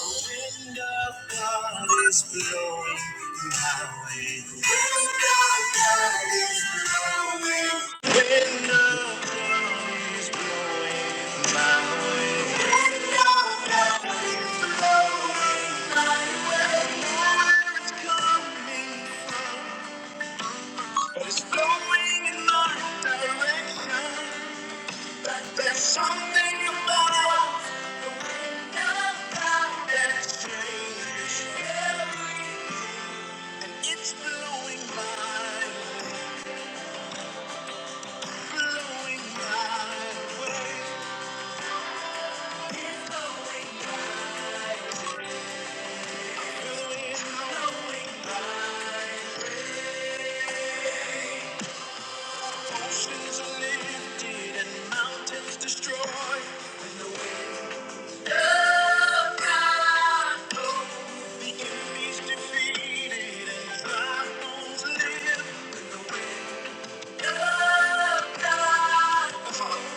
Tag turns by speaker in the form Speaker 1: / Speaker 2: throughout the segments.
Speaker 1: The wind of God is blowing my way. The wind of God is blowing. The Wind of God is blowing my way. The Wind of God is blowing my way. Now It's coming, but it's blowing in my direction. But there's something about the wind of God that changes. It's blowing my, blowing my way. It's Blowing my blowing, blowing my way. Oceans are lifted and mountains destroyed. When the wind blows, the enemy's defeated and dry bones live. When the wind blows,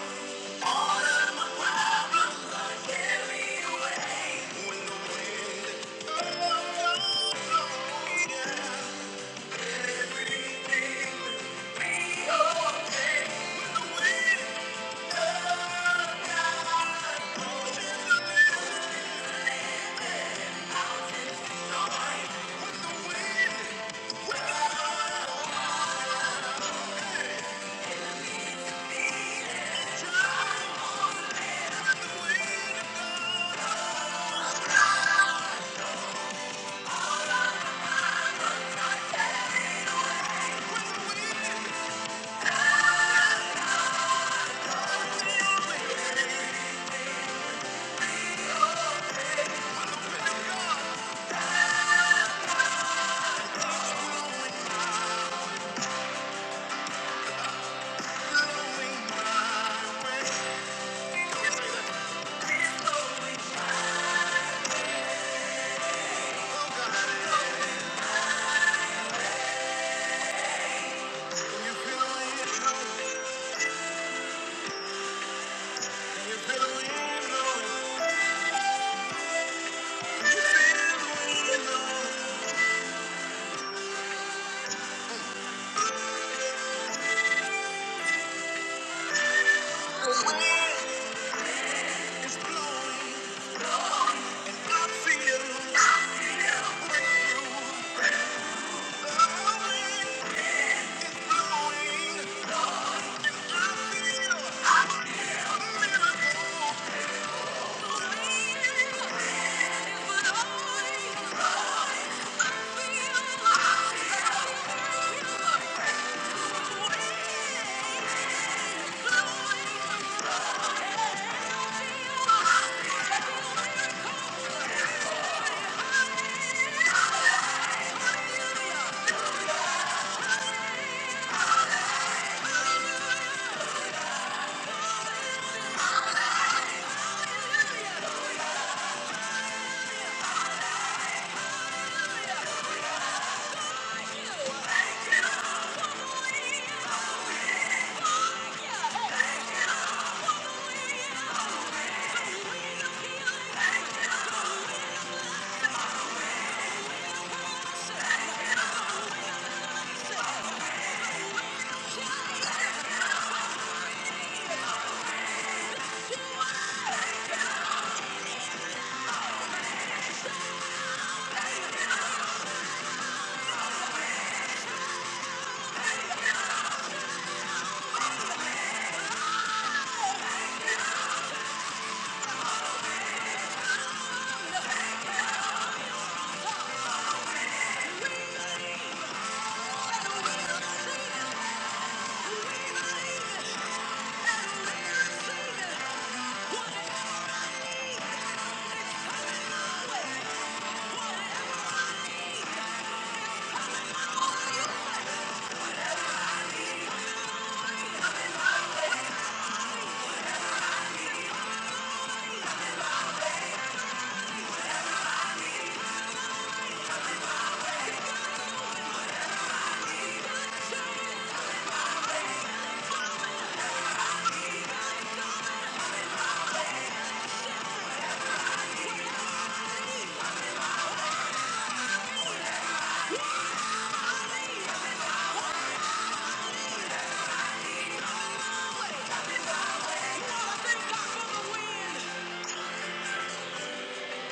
Speaker 1: Thank you.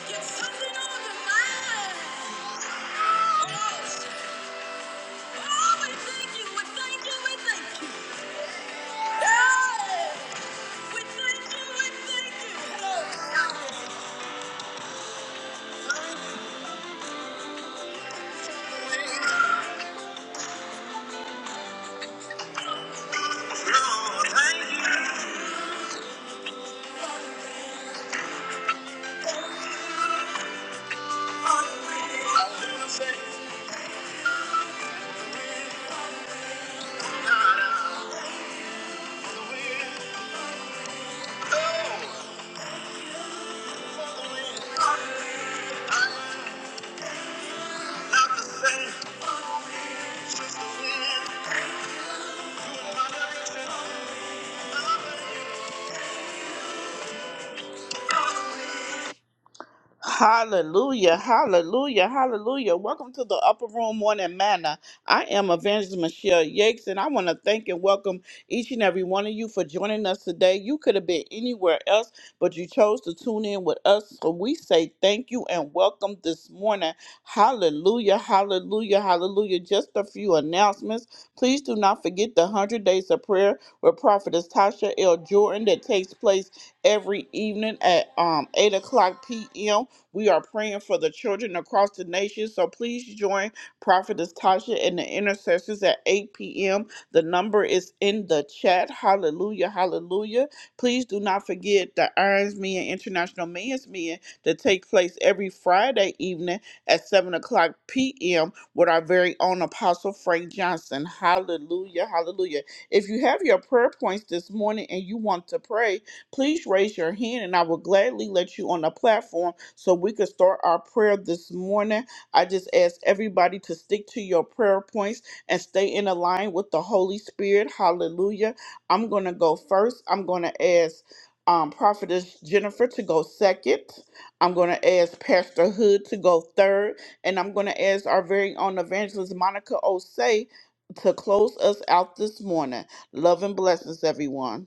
Speaker 1: Get something on the line! Thank you. Hallelujah, hallelujah, hallelujah. Welcome to the Upper Room Morning Manna. I am Evangelist Michelle Yakes, and I want to thank and welcome each and every one of you for joining us today. You could have been anywhere else, but you chose to tune in with us. So we say thank you and welcome this morning. Hallelujah, hallelujah, hallelujah. Just a few announcements. Please do not forget the 100 Days of Prayer with Prophetess Tasha L. Jordan that takes place every evening at um, 8 o'clock p.m. We are praying for the children across the nation. So please join Prophetess Tasha and the intercessors at 8 p.m. The number is in the chat. Hallelujah. Hallelujah. Please do not forget the Irons Meeting, International Men's Meeting that take place every Friday evening at 7 o'clock p.m. with our very own Apostle Frank Johnson. Hallelujah. Hallelujah. If you have your prayer points this morning and you want to pray, Please raise your hand and I will gladly let you on the platform so we can start our prayer this morning. I just ask everybody to stick to your prayer points and stay in line with the Holy Spirit. Hallelujah. I'm going to go first. I'm going to ask um, Prophetess Jennifer to go second. I'm going to ask Pastor Hood to go third. And I'm going to ask our very own evangelist, Monica Osei, to close us out this morning. Love and blessings, everyone.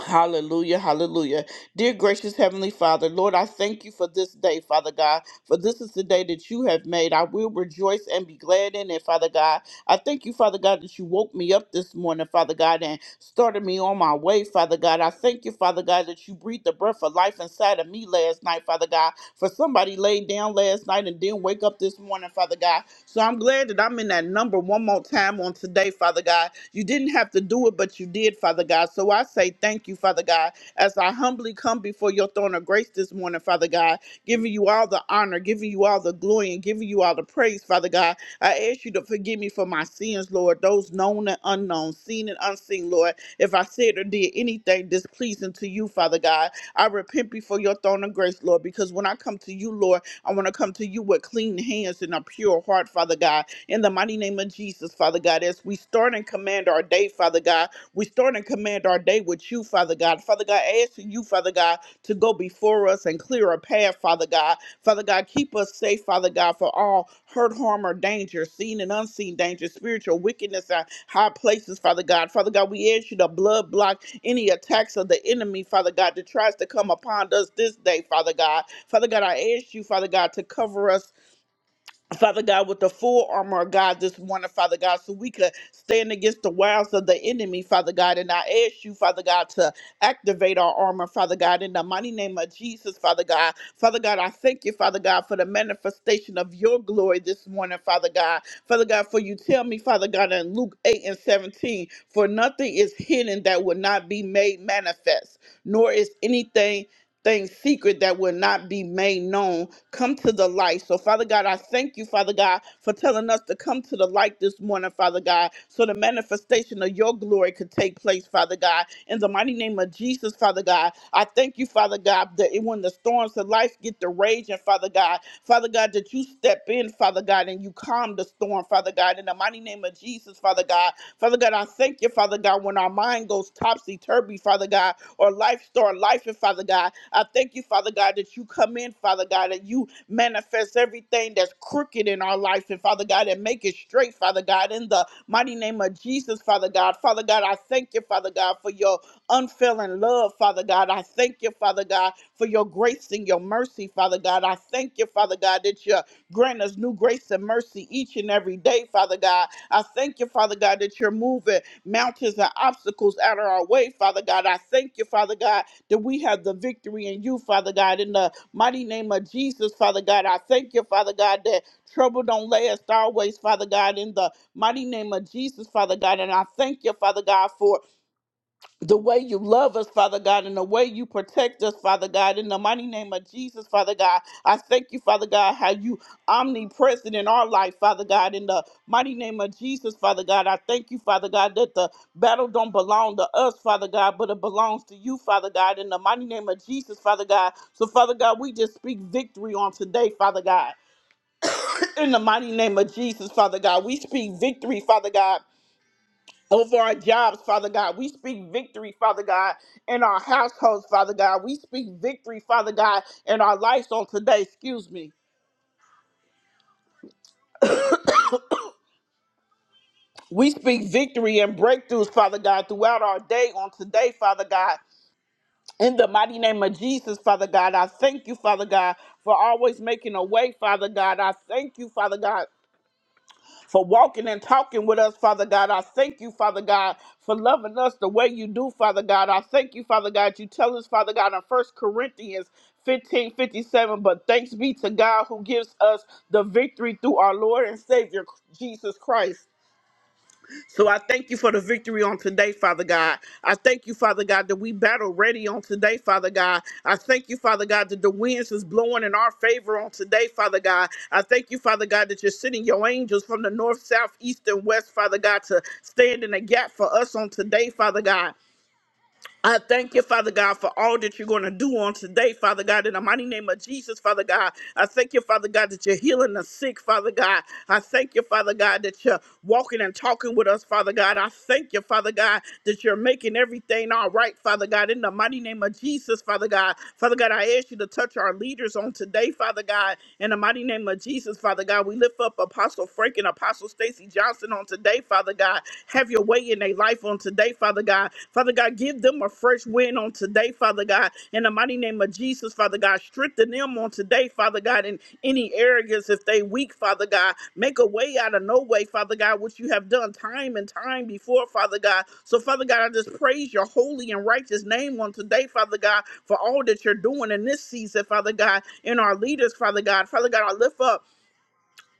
Speaker 1: Hallelujah, hallelujah. Dear gracious Heavenly Father, Lord, I thank you for this day, Father God, for this is the day that you have made. I will rejoice and be glad in it, Father God. I thank you, Father God, that you woke me up this morning, Father God, and started me on my way, Father God. I thank you, Father God, that you breathed the breath of life inside of me last night, Father God. For somebody laid down last night and didn't wake up this morning, Father God. So I'm glad that I'm in that number one more time on today, Father God. You didn't have to do it, but you did, Father God. So I say thank you, Father God, as I humbly come before your throne of grace this morning, Father God, giving you all the honor, giving you all the glory, and giving you all the praise, Father God. I ask you to forgive me for my sins, Lord, those known and unknown, seen and unseen, Lord. If I said or did anything displeasing to you, Father God, I repent before your throne of grace, Lord, because when I come to you, Lord, I want to come to you with clean hands and a pure heart, Father God. In the mighty name of Jesus, Father God, as we start and command our day, Father God, we start and command our day with you, Father God. Father God, asking you, Father God, to go before us and clear a path, Father God. Father God, keep us safe, Father God, for all hurt, harm, or danger, seen and unseen danger, spiritual wickedness, and high places, Father God. Father God, we ask you to blood block any attacks of the enemy, Father God, that tries to come upon us this day, Father God. Father God, I ask you, Father God, to cover us Father God, with the full armor of God this morning, Father God, so we could stand against the wiles of the enemy, Father God. And I ask you, Father God, to activate our armor, Father God, in the mighty name of Jesus, Father God. Father God, I thank you, Father God, for the manifestation of your glory this morning, Father God. Father God, for you tell me, Father God, in Luke 8 and 17, for nothing is hidden that will not be made manifest, nor is anything things secret that will not be made known come to the light. So, Father God, I thank you, Father God, for telling us to come to the light this morning, Father God, so the manifestation of your glory could take place, Father God. In the mighty name of Jesus, Father God, I thank you, Father God, that when the storms of life get to raging, Father God, Father God, that you step in, Father God, and you calm the storm, Father God. In the mighty name of Jesus, Father God, Father God, I thank you, Father God, when our mind goes topsy turvy, Father God or life star life and Father God. I thank you, Father God, that you come in, Father God, that you manifest everything that's crooked in our life and Father God and make it straight, Father God, in the mighty name of Jesus, Father God. Father God, I thank you, Father God, for your unfailing love, Father God. I thank you, Father God, for your grace and your mercy, Father God. I thank you, Father God, that you grant us new grace and mercy each and every day, Father God. I thank you, Father God, that you're moving mountains and obstacles out of our way, Father God. I thank you, Father God, that we have the victory in you, Father God. In the mighty name of Jesus, Father God, I thank you, Father God, that trouble don't last always, Father God. In the mighty name of Jesus, Father God, and I thank you, Father God, for the way you love us, Father God, and the way you protect us, Father God, in the mighty name of Jesus, Father God. I thank you, Father God, how you omnipresent in our life, Father God, in the mighty name of Jesus, Father God. I thank you, Father God, that the battle don't belong to us, Father God, but it belongs to you, Father God, in the mighty name of Jesus, Father God. So, Father God, we just speak victory on today, Father God. In the mighty name of Jesus, Father God, we speak victory, Father God over our jobs, Father God. We speak victory, Father God, in our households, Father God. We speak victory, Father God, in our lives on today, excuse me. We speak victory and breakthroughs, Father God, throughout our day on today, Father God. In the mighty name of Jesus, Father God, I thank you, Father God, for always making a way, Father God. I thank you, Father God for walking and talking with us, Father God. I thank you, Father God, for loving us the way you do, Father God. I thank you, Father God. You tell us, Father God, in First Corinthians 15 57. but thanks be to God who gives us the victory through our Lord and Savior, Jesus Christ. So I thank you for the victory on today, Father God. I thank you, Father God, that we battle ready on today, Father God. I thank you, Father God, that the winds is blowing in our favor on today, Father God. I thank you, Father God, that you're sending your angels from the north, south, east, and west, Father God, to stand in the gap for us on today, Father God. I thank you, Father God, for all that you're going to do on today, Father God, in the mighty name of Jesus, Father God. I thank you, Father God, that you're healing the sick, Father God. I thank you, Father God, that you're walking and talking with us, Father God. I thank you, Father God, that you're making everything all right, Father God, in the mighty name of Jesus, Father God. Father God, I ask you to touch our leaders on today, Father God, in the mighty name of Jesus, Father God. We lift up Apostle Frank and Apostle Stacy Johnson on today, Father. Father God. Have your way in their life on today, Father God. Father God, give them a fresh win on today, Father God. In the mighty name of Jesus, Father God, strengthen them on today, Father God, in any arrogance if they weak, Father God. Make a way out of no way, Father God, which you have done time and time before, Father God. So, Father God, I just praise your holy and righteous name on today, Father God, for all that you're doing in this season, Father God, in our leaders, Father God. Father God, I lift up.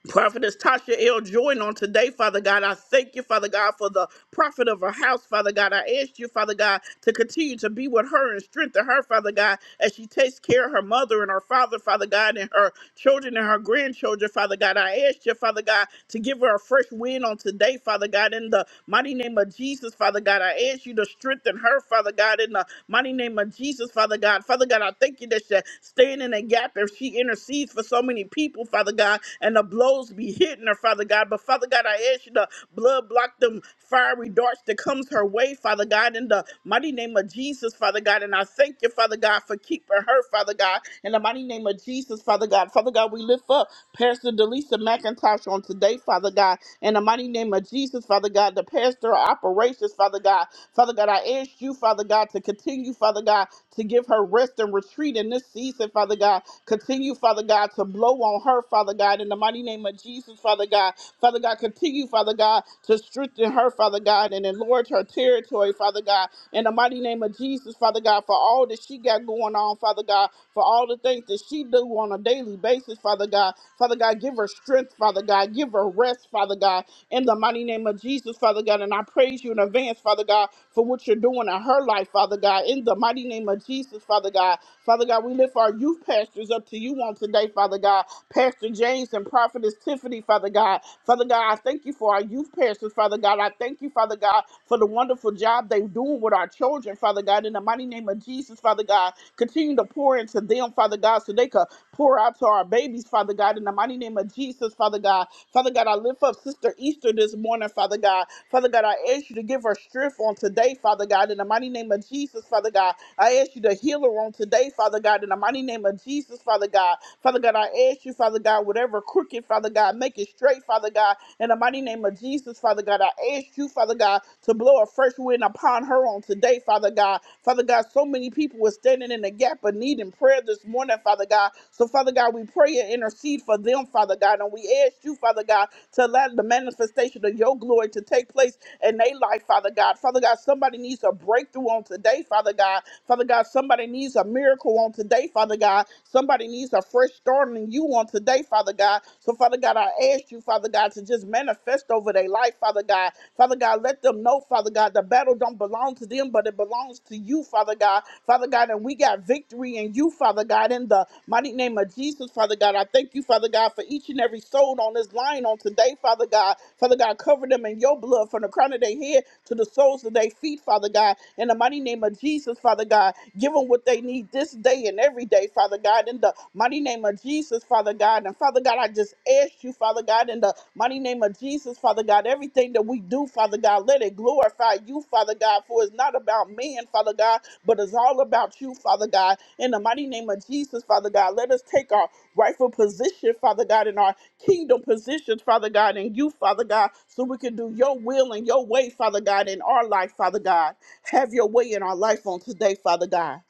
Speaker 1: Prophetess Tasha L. Jordan on today, Father God. I thank you, Father God, for the prophet of her house, Father God. I ask you, Father God, to continue to be with her and strengthen her, Father God, as she takes care of her mother and her father, Father God, and her children and her grandchildren, Father God. I ask you, Father God, to give give her a fresh win on today, Father God, in the mighty name of Jesus, Father God. I ask you to strengthen her, Father God, in the mighty name of Jesus, Father God. Father God, I thank you that she stand in a gap and she intercedes for so many people, Father God, and the blows be hitting her, Father God. But Father God, I ask you to blood block them fiery darts that comes her way, Father God, in the mighty name of Jesus, Father God. And I thank you, Father God, for keeping her, Father God, in the mighty name of Jesus, Father God. Father God, we lift up. Pastor Delisa McIntosh on today, Father God, in the mighty name of Jesus, Father God, the pastor of operations, Father God, Father God, I ask you, Father God, to continue, Father God, to give her rest and retreat in this season, Father God. Continue, Father God, to blow on her, Father God, in the mighty name of Jesus, Father God. Father God, continue, Father God, to strengthen her, Father God, and enlarge her territory, Father God, in the mighty name of Jesus, Father God, for all that she got going on, Father God, for all the things that she do on a daily basis, Father God. Father God, give her strength, Father God. Give her rest, Father God, in the mighty name of Jesus, Father God. And I praise you in advance, Father God, for what you're doing in her life, Father God. In the mighty name of Jesus, Father God. Father God, we lift our youth pastors up to you on today, Father God. Pastor James and Prophetess Tiffany, Father God. Father God, I thank you for our youth pastors, Father God. I thank you, Father God, for the wonderful job they're doing with our children, Father God. In the mighty name of Jesus, Father God. Continue to pour into them, Father God, so they could pour out to our babies, Father God. In the mighty name of Jesus, Father God. Father God, I lift up Sister Easter this morning, Father God. Father God, I ask you to give her strength on today, Father God, in the mighty name of Jesus, Father God. I ask you to heal her on today, Father God, in the mighty name of Jesus, Father God. Father God, I ask you, Father God, whatever crooked, Father God, make it straight, Father God, in the mighty name of Jesus, Father God. I ask you, Father God, to blow a fresh wind upon her on today, Father God. Father God, so many people were standing in the gap of need and prayer this morning, Father God. So, Father God, we pray prayer intercede for them, Father God. And we ask you, Father God, to let the manifestation of your glory to take place in their life, Father God. Father God, somebody needs a breakthrough on today, Father God. Father God, somebody needs a miracle on today, Father God. Somebody needs a fresh start in you on today, Father God. So, Father God, I ask you, Father God, to just manifest over their life, Father God. Father God, let them know, Father God, the battle don't belong to them, but it belongs to you, Father God. Father God, and we got victory in you, you, Father God, in the mighty name of Jesus, Father God. I thank you, Father God, for each and every soul on this line on today, Father God. Father God, cover them in your blood from the crown of their head to the soles of their feet, Father God. In the mighty name of Jesus, Father God, give them what they need this day and every day, Father God. In the mighty name of Jesus, Father God. And Father God, I just ask you, Father God, in the mighty name of Jesus, Father God, everything that we do, Father God, let it glorify you, Father God, for it's not about man, Father God. But it's all about you, Father God. In the mighty name of Jesus, Father God, let us take our rightful position, Father God, in our kingdom positions, Father God, in you, Father God, so we can do your will and your way, Father God, in our life, Father God. Have your way in our life on today, Father God.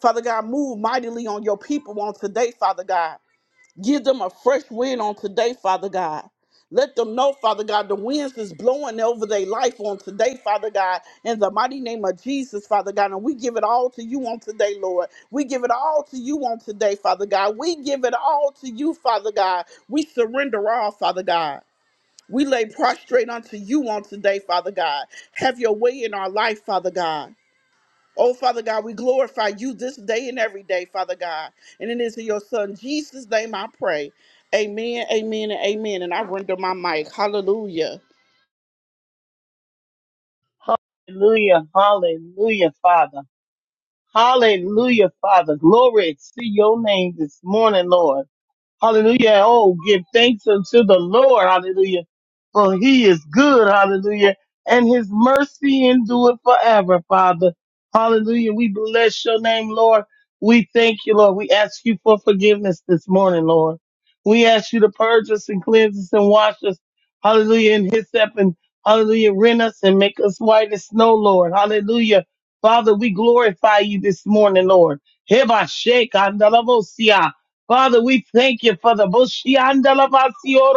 Speaker 1: Father God, move mightily on your people on today, Father God. Give them a fresh wind on today, Father God. Let them know, Father God, the winds is blowing over their life on today, Father God, in the mighty name of Jesus, Father God. And we give it all to you on today, Lord. We give it all to you on today, Father God. We give it all to you, Father God. We surrender all, Father God. We lay prostrate unto you on today, Father God. Have your way in our life, Father God. Oh, Father God, we glorify you this day and every day, Father God. And it is in your Son Jesus' name I pray. Amen, amen, and amen. And I render my mic. Hallelujah.
Speaker 2: Hallelujah, hallelujah, Father. Hallelujah, Father. Glory to your name this morning, Lord. Hallelujah. Oh, give thanks unto the Lord. Hallelujah. For he is good. Hallelujah. And his mercy endureth forever, Father. Hallelujah. We bless your name, Lord. We thank you, Lord. We ask you for forgiveness this morning, Lord. We ask you to purge us and cleanse us and wash us. Hallelujah. In his and hallelujah. Rent us and make us white as snow, Lord. Hallelujah. Father, we glorify you this morning, Lord. Heba shake and Father, we thank you for the Bushianda Labasio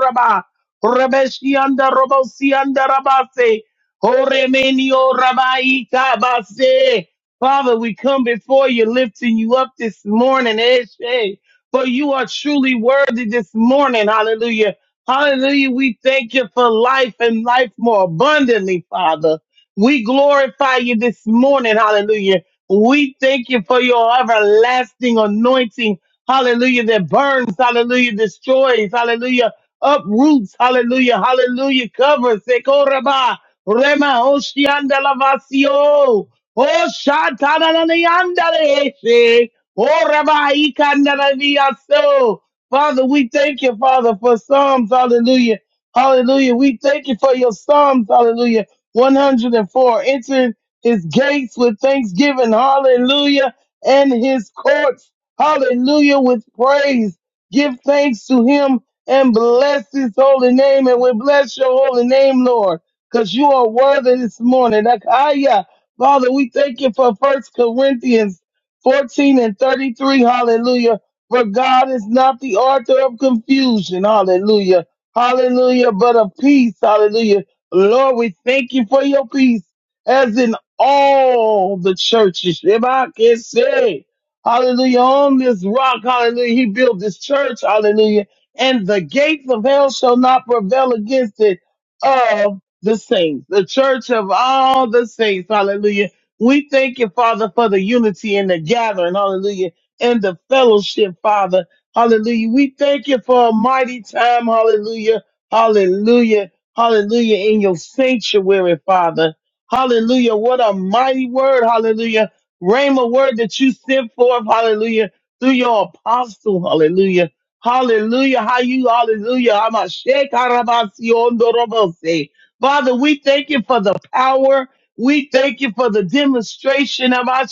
Speaker 2: Rebeshianda Robosianda Rabase, Horemenio Rabaika Base. Father, we come before you, lifting you up this morning, Eshe, for you are truly worthy this morning. Hallelujah. Hallelujah. We thank you for life and life more abundantly, Father. We glorify you this morning. Hallelujah. We thank you for your everlasting anointing hallelujah, that burns, hallelujah, destroys, hallelujah, uproots, hallelujah, hallelujah, covers, sekoraba, rema, oshianda lavasio, oshatanananiandalese, oraba, ikandananiaso. Father, we thank you, Father, for Psalms, hallelujah, hallelujah. We thank you for your Psalms, hallelujah, 104, Enter his gates with thanksgiving, hallelujah, and his courts. Hallelujah. With praise. Give thanks to him and bless his holy name. And we bless your holy name, Lord, because you are worthy this morning. Akaya. Father, we thank you for First Corinthians 14 and 33. Hallelujah. For God is not the author of confusion. Hallelujah. Hallelujah. But of peace. Hallelujah. Lord, we thank you for your peace as in all the churches. If I can say. Hallelujah. On this rock, hallelujah, he built this church, hallelujah. And the gates of hell shall not prevail against it of the saints, the church of all the saints, hallelujah. We thank you, Father, for the unity and the gathering, hallelujah, and the fellowship, Father, hallelujah. We thank you for a mighty time, hallelujah, hallelujah, hallelujah, in your sanctuary, Father. Hallelujah. What a mighty word, hallelujah Rhema word that you sent forth, hallelujah, through your apostle, hallelujah. Hallelujah, how you, hallelujah. Hamashiach Harabasion Dorobose. Father, we thank you for the power. We thank you for the demonstration of our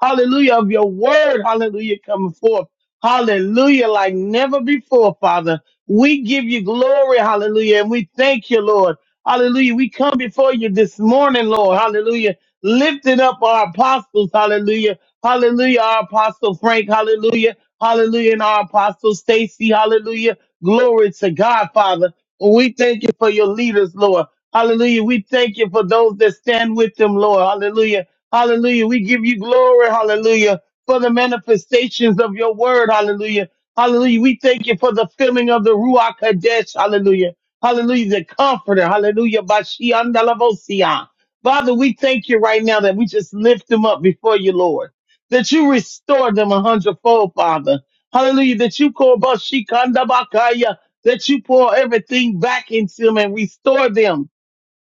Speaker 2: hallelujah, of your word, hallelujah, coming forth. Hallelujah, like never before, Father. We give you glory, hallelujah, and we thank you, Lord. Hallelujah. We come before you this morning, Lord. Hallelujah lifting up our apostles. Hallelujah. Hallelujah. Our apostle Frank. Hallelujah. Hallelujah. And our apostle Stacy. Hallelujah. Glory to God, Father. We thank you for your leaders, Lord. Hallelujah. We thank you for those that stand with them, Lord. Hallelujah. Hallelujah. We give you glory. Hallelujah. For the manifestations of your word. Hallelujah. Hallelujah. We thank you for the filling of the Ruach Kadesh. Hallelujah. Hallelujah. The comforter. Hallelujah. Bashiandalabosiah. Father, we thank you right now that we just lift them up before you, Lord, that you restore them a hundredfold, Father. Hallelujah, that you call Bashikandabakaya, that you pour everything back into them and restore them.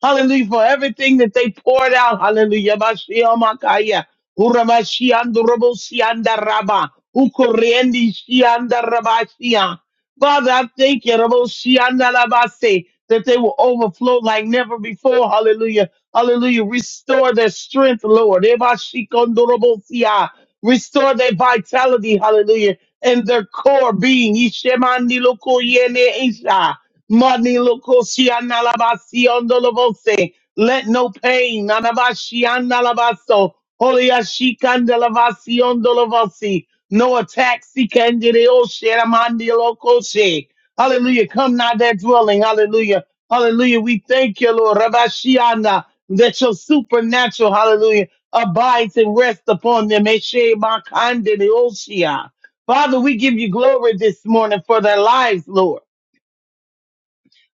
Speaker 2: Hallelujah, for everything that they poured out. Hallelujah, Bashiamakaya, Urabashianduraboshiandaraba, Ukoriendishiandarabashia. Father, I thank you, Raboshiandalabase, that they will overflow like never before. Hallelujah Hallelujah. Restore their strength, Lord. Ebashikondorobosia. Restore their vitality, hallelujah, and their core being. Ishemandilokoyene isha. Manilokosianalabasiondolovose. Let no pain, nanabashiandalabaso. Holiashikandalabasiondolovosi. no attack, sikandeleosheramandilokoshe. Hallelujah. Come not their dwelling. Hallelujah. Hallelujah. We thank you, Lord. Rabashiana, that your supernatural, hallelujah, abides and rests upon them. Eshe makande neoshia. Father, we give you glory this morning for their lives, Lord.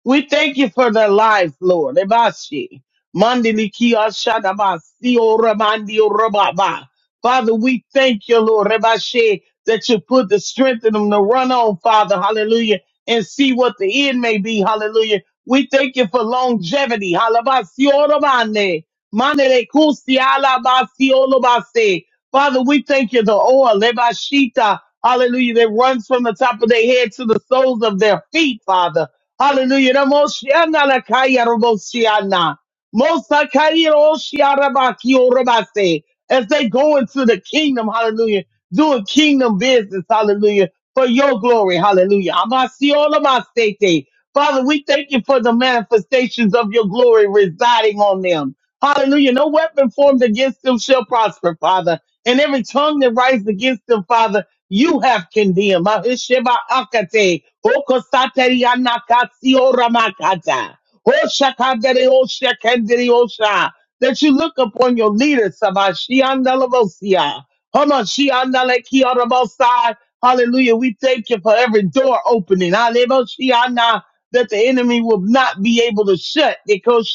Speaker 2: We thank you for their lives, Lord. Ebashi. Mandiliki ashadabasi oramandi orababa. Father, we thank you, Lord, Ebashi, that you put the strength in them to run on, Father, hallelujah, and see what the end may be, hallelujah. We thank you for longevity, halabasi oramande. Mandele kusi ala basi olo basi. Father, we thank you, the oil, lebashita, hallelujah, that runs from the top of their head to the soles of their feet, Father. Hallelujah. Ramoshiana la kaya ramoshiana. Mosa kaya roshiara baki oro basi. As they go into the kingdom, hallelujah, doing kingdom business, hallelujah, for your glory, hallelujah. Amasi olo basi te. Father, we thank you for the manifestations of your glory residing on them. Hallelujah. No weapon formed against them shall prosper, Father. And every tongue that rises against them, Father, you have condemned. Mahisheba akate, okosateri anakatsi oramakata, oshakandere oshakandere osha. That you look upon your leaders, Sabashiandalabosia, Hamashiandalekiarabosai. Hallelujah. We thank you for every door opening. Aleboshiana, That the enemy will not be able to shut. Because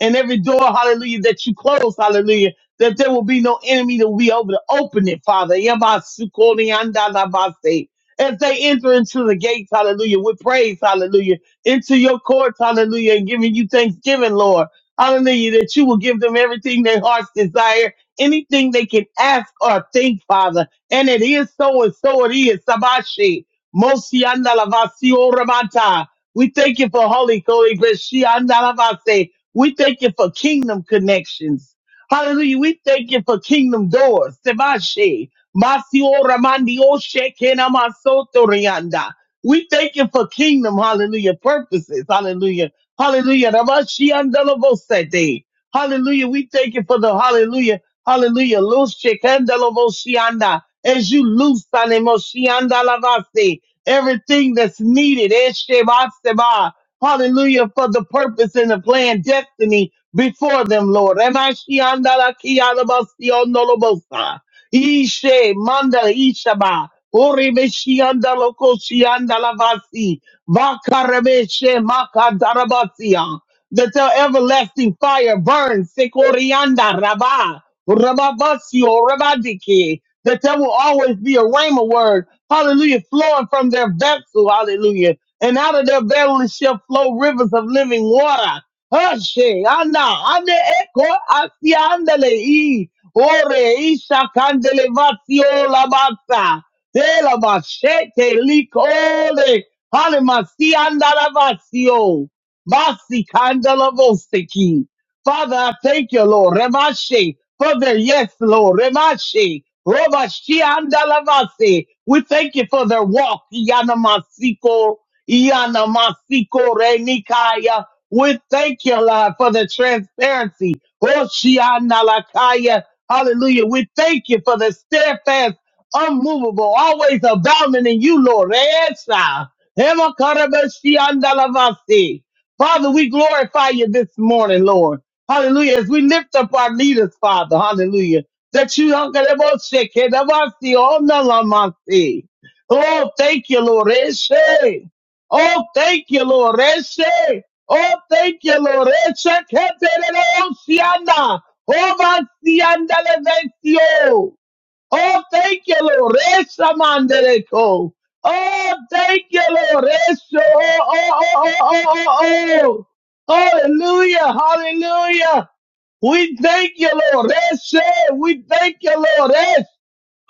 Speaker 2: and every door, hallelujah, that you close, hallelujah, that there will be no enemy that will be able to open it, Father. Yamasukoliandalabase. As they enter into the gates, hallelujah, with praise, hallelujah, into your courts, hallelujah, and giving you thanksgiving, Lord. Hallelujah, that you will give them everything their hearts desire, anything they can ask or think, Father. And it is so and so it is. Sabashi. Mosiandalavasi oramata. We thank you for Holy Holy Ghost. We thank you for kingdom connections. Hallelujah. We thank you for kingdom doors. Sebashe. Masio Ramandio Shekena Masoto Rianda. We thank you for kingdom, hallelujah, purposes. Hallelujah. Hallelujah. Ramashiandalobosete. Hallelujah. We thank you for the hallelujah. Hallelujah. Loose Shekandalovosianda. As you loose Sanemoshiandalavasi, everything that's needed. Eshebaseba. Hallelujah. For the purpose and the plan, destiny before them, Lord. Remashiandalakialabasiondolobosa. Ishe manda ishaba. Orebeshiandalokoshiandalavasi. Vakarebeshe makadarabasia that your everlasting fire burns. Sekorianda Rabba, Rababasio, Rabadiki, that there will always be a rhema word, hallelujah, flowing from their vessel, hallelujah. And out of their belly shall flow rivers of living water. Hushe, anda, ande eko, asiandele, i, ore, isha, candele, vasio, labasa, de la bashete, lik, ole, halimasi, anda, Basi kandala vosiki. Father, I thank you, Lord. Remashe. Father, yes, Lord. Remashe. Robashi andala vasi. We thank you for their walk. Yana masiko. Yana masiko renikaya. We thank you, Lord, for the transparency. Roshi andala kaya. Hallelujah. We thank you for the steadfast, unmovable, always abounding in you, Lord. Resa. Hema karabashi andala vasi. Father, we glorify you this morning, Lord. Hallelujah. As we lift up our leaders, Father, hallelujah. That you don't get about shake it, about see, Oh, no, no, no, see. Oh, thank you, Lord. Eshe. Oh, thank you, Lord. Eshe. Oh, thank you, Lord. Eshe. Keterele, oh, sianda. Oh, va, sianda, le, ve, si, oh. Oh, thank you, Lord. Resa mandereko. Oh, thank you, Lord. Resa. Oh, oh, oh, oh, oh, oh, oh. Hallelujah. Hallelujah. We thank you, Lord. Resa. We thank you, Lord. Yes.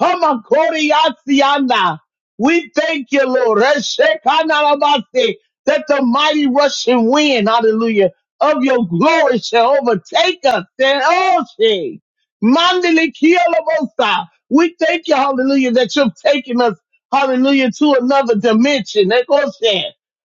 Speaker 2: Hamakoriasiana. We thank you, Lord. Reshekanarabase, That the mighty rushing wind, hallelujah, of your glory shall overtake us. Then, oh, she. Mandelikielabosa. We thank you, hallelujah, that you've taken us, hallelujah, to another dimension. Ekoshe.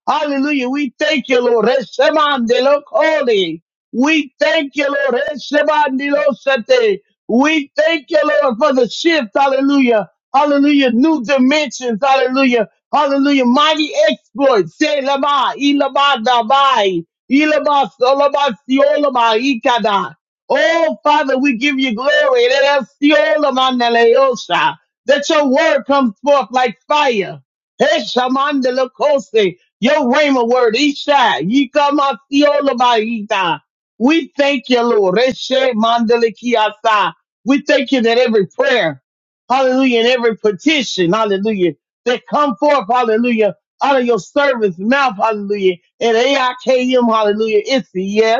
Speaker 2: Hallelujah. We thank you, Lord. Reshemandelokoli. We thank you, Lord. Reshemandelosate. We thank you, Lord, for the shift. Hallelujah. Hallelujah. New dimensions. Hallelujah. Hallelujah. Mighty exploits. Say lama, ilama, dabai, ilama, solama, siolama, ikada. Oh, Father, we give you glory. Let us siolama, neleosha. That your word comes forth like fire. Heshamandelekose. Your rhema word, Isha, Yikama, siolama, ita. We thank you, Lord. Reshe, mandelekiasa. We thank you that every prayer, hallelujah, and every petition, hallelujah, that come forth, hallelujah, out of your servant's mouth, hallelujah, and AIKM, hallelujah, it's a yes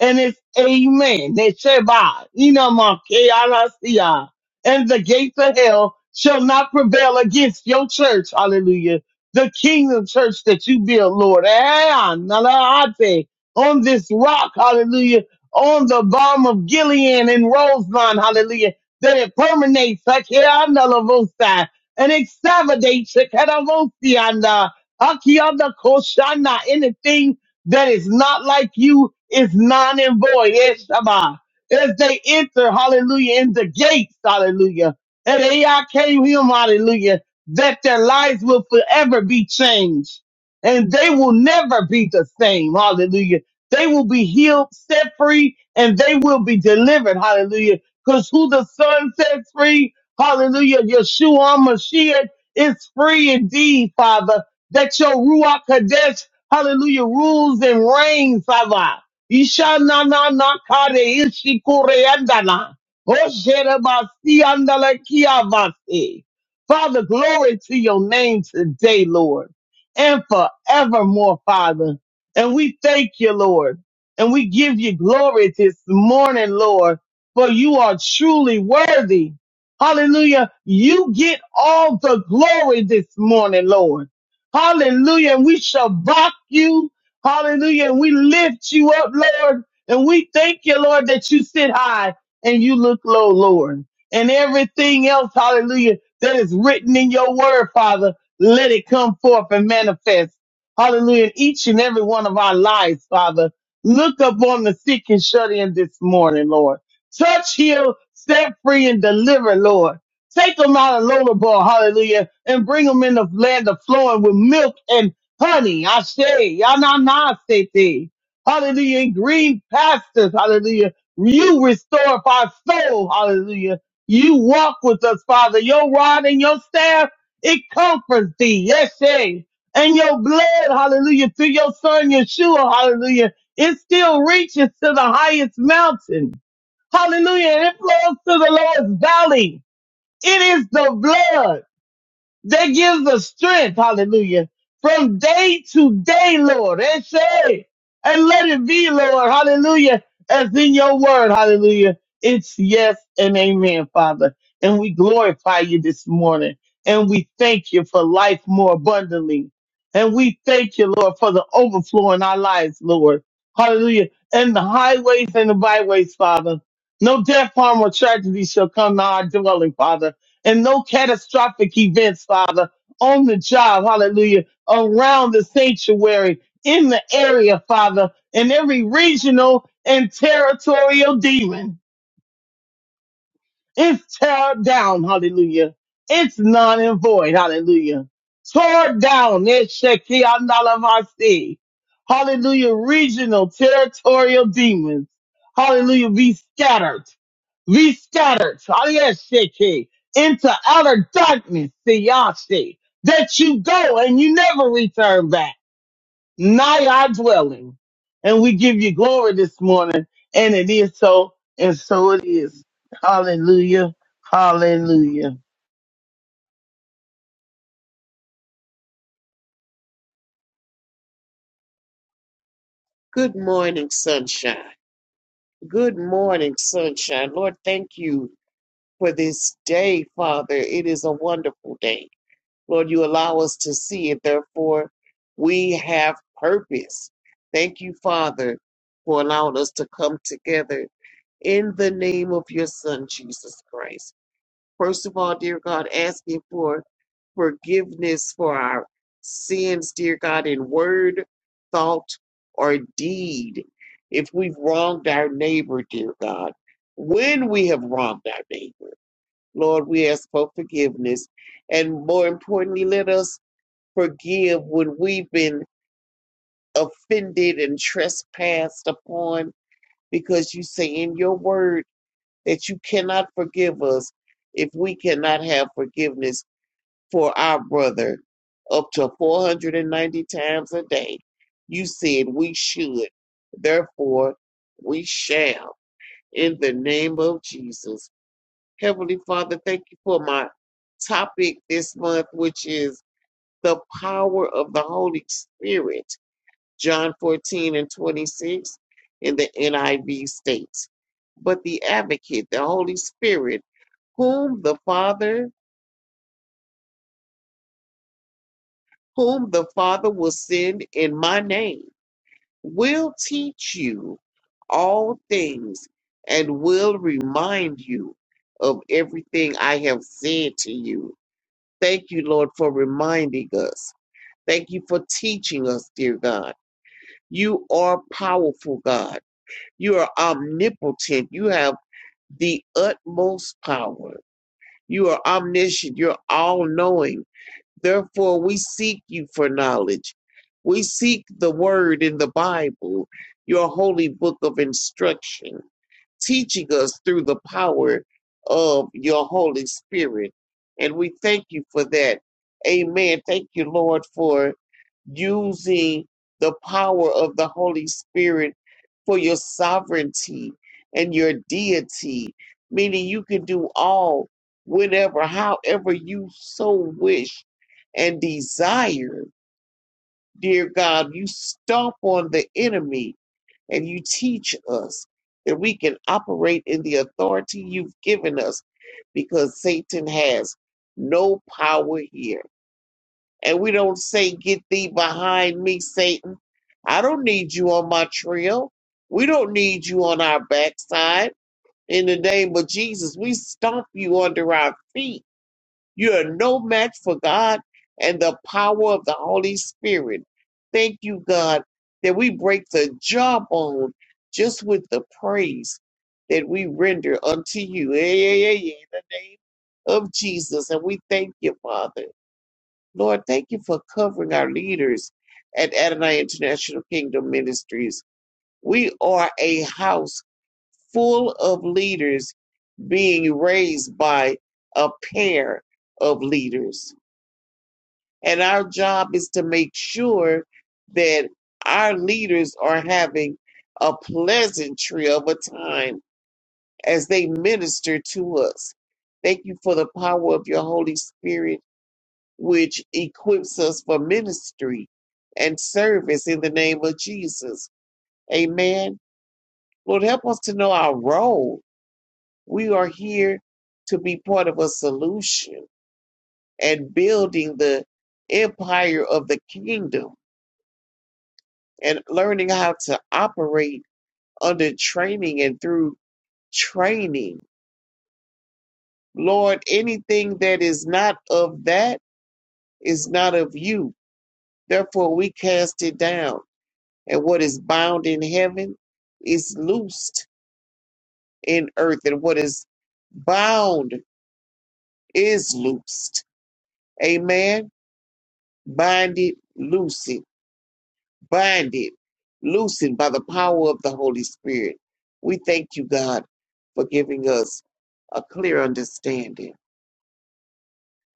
Speaker 2: and it's amen. That Sheba, Inamakeyanasia, and the gates of hell shall not prevail against your church. Hallelujah. The kingdom church that you build, Lord. Eh, Analaate, On this rock, hallelujah. On the balm of Gilead and Rosemont, hallelujah. That it permeates, Akeanalavosai, and extravagantes, Akeanavosia, Akiana Koshana, anything that is not like you is non and void. Yes, Shabbat. As they enter, hallelujah, in the gates, hallelujah. And AI came him, hallelujah, that their lives will forever be changed. And they will never be the same, hallelujah. They will be healed, set free, and they will be delivered, hallelujah. Because who the Son sets free, hallelujah, Yeshua Mashiach is free indeed, Father that your Ruach Kadesh Hallelujah. Rules and reigns, Father. Isha na na na kare ishi kure andana. Oshere basi andala kia basi. Father, glory to your name today, Lord, and forevermore, Father. And we thank you, Lord, and we give you glory this morning, Lord, for you are truly worthy. Hallelujah. You get all the glory this morning, Lord. Hallelujah. And we shall back you. Hallelujah. And we lift you up, Lord. And we thank you, Lord, that you sit high and you look low, Lord. And everything else, hallelujah, that is written in your word, Father, let it come forth and manifest. Hallelujah. In each and every one of our lives, Father. Look upon the sick and shut in this morning, Lord. Touch, heal, set free, and deliver, Lord. Take them out of Lodabar, hallelujah, and bring them in the land of flowing with milk and honey. I say, Yananasete, hallelujah, and green pastures, hallelujah. You restore our soul, hallelujah. You walk with us, Father. Your rod and your staff, it comforts thee, yes, say. And your blood, hallelujah, through your son Yeshua, hallelujah, it still reaches to the highest mountain. Hallelujah. And it flows to the lowest valley. It is the blood that gives us strength. Hallelujah. From day to day, Lord. And say, and let it be, Lord. Hallelujah. As in your word. Hallelujah. It's yes and amen, Father. And we glorify you this morning. And we thank you for life more abundantly. And we thank you, Lord, for the overflow in our lives, Lord. Hallelujah. And the highways and the byways, Father. No death, harm, or tragedy shall come to our dwelling, Father and no catastrophic events, Father, on the job, hallelujah, around the sanctuary, in the area, Father, in every regional and territorial demon. It's tear down, hallelujah. It's non and void, hallelujah. Tore down, it's Shekiandalavasi. Hallelujah, regional, territorial demons. Hallelujah, be scattered, be scattered, hallelujah, Sheki, into outer darkness, Siyashi, that you go and you never return back nigh our dwelling. And we give you glory this morning. And it is so, and so it is. Hallelujah. Hallelujah.
Speaker 3: Good morning, sunshine. Good morning, sunshine. Lord, thank you for this day, Father. It is a wonderful day. Lord, you allow us to see it. Therefore, we have purpose. Thank you, Father, for allowing us to come together in the name of your Son, Jesus Christ. First of all, dear God, asking for forgiveness for our sins, dear God, in word, thought, or deed. If we've wronged our neighbor, dear God, when we have wronged our neighbor, Lord, we ask for forgiveness. And more importantly, let us forgive when we've been offended and trespassed upon, because you say in your word that you cannot forgive us if we cannot have forgiveness for our brother up to 490 times a day. You said we should. Therefore, we shall. In the name of Jesus. Heavenly Father, thank you for my topic this month, which is the power of the Holy Spirit, John 14 and 26 in the NIV states. But the advocate, the Holy Spirit, whom the Father whom the Father will send in my name, will teach you all things and will remind you of everything I have said to you. Thank you, Lord, for reminding us. Thank you for teaching us, dear God. You are powerful, God. You are omnipotent. You have the utmost power. You are omniscient. You're all knowing. Therefore, we seek you for knowledge. We seek the word in the Bible, your holy book of instruction, teaching us through the power of your Holy Spirit. And we thank you for that. Amen. Thank you, Lord, for using the power of the Holy Spirit for your sovereignty and your deity, meaning you can do all, whenever, however you so wish and desire, dear God, you stomp on the enemy and you teach us that we can operate in the authority you've given us because Satan has no power here. And we don't say, Get thee behind me, Satan. I don't need you on my trail. We don't need you on our backside. In the name of Jesus, we stomp you under our feet you are no match for God and the power of the Holy Spirit. Thank you, God, that we break the jawbone just with the praise that we render unto you. Yeah, yeah, yeah, yeah, In the name of Jesus. And we thank you, Father. Lord, thank you for covering our leaders at Adonai International Kingdom Ministries. We are a house full of leaders being raised by a pair of leaders. And our job is to make sure that our leaders are having a pleasantry of a time as they minister to us. Thank you for the power of your Holy Spirit, which equips us for ministry and service in the name of Jesus. Amen. Lord, help us to know our role. We are here to be part of a solution and building the empire of the kingdom and learning how to operate under training and through training. Lord, anything that is not of that is not of you. Therefore, we cast it down. And what is bound in heaven is loosed in earth, and what is bound is loosed. Amen. Bind it, loose it binded, loosened by the power of the Holy Spirit. We thank you, God, for giving us a clear understanding,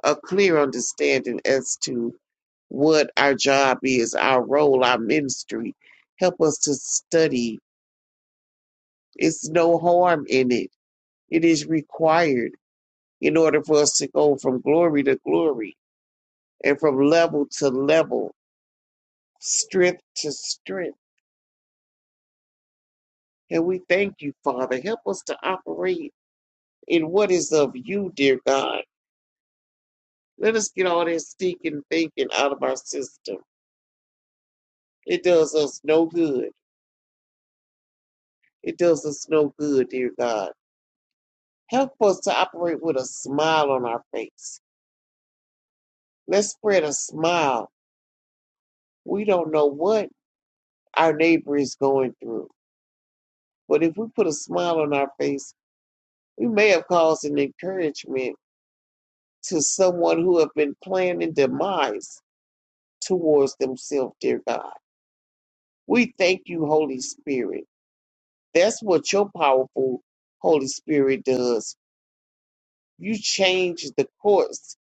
Speaker 3: a clear understanding as to what our job is, our role, our ministry. Help us to study. It's no harm in it. It is required in order for us to go from glory to glory and from level to level, strength to strength. And we thank you, Father. Help us to operate in what is of you, dear God. Let us get all that stinking thinking out of our system. It does us no good. It does us no good, dear God. Help us to operate with a smile on our face. Let's spread a smile. We don't know what our neighbor is going through, but if we put a smile on our face, we may have caused an encouragement to someone who have been planning demise towards themselves, dear God. We thank you, Holy Spirit. That's what your powerful Holy Spirit does. You change the course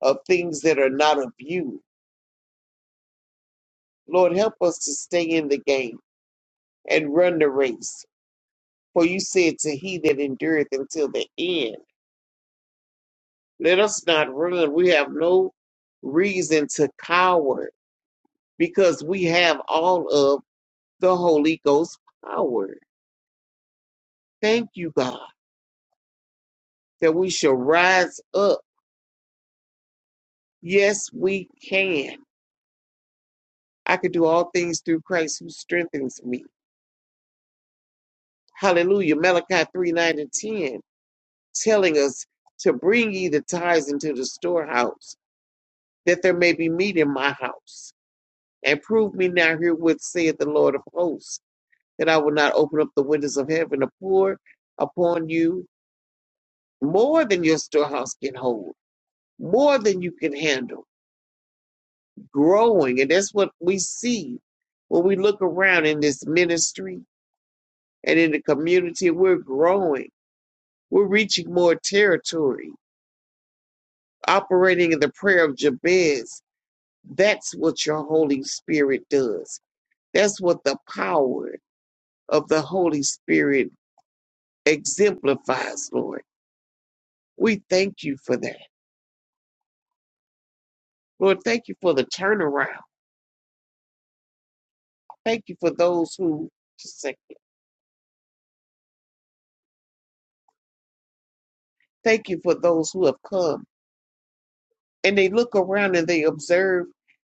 Speaker 3: of things that are not of you. Lord, help us to stay in the game and run the race. For you said to he that endureth until the end, let us not run. We have no reason to cower because we have all of the Holy Ghost power. Thank you, God, that we shall rise up. Yes, we can. I can do all things through Christ who strengthens me. Hallelujah. Malachi 3 9 and 10, telling us to bring ye the tithes into the storehouse, that there may be meat in my house. And prove me now herewith, saith the Lord of hosts, that I will not open up the windows of heaven to pour upon you more than your storehouse can hold, more than you can handle. Growing. And that's what we see when we look around in this ministry and in the community. We're growing We're reaching more territory, operating in the prayer of Jabez. That's what your Holy Spirit does. That's what the power of the Holy Spirit exemplifies, Lord. We thank you for that. Lord, thank you for the turnaround. Thank you for those who, just a second. thank you for those who have come. And they look around and they observe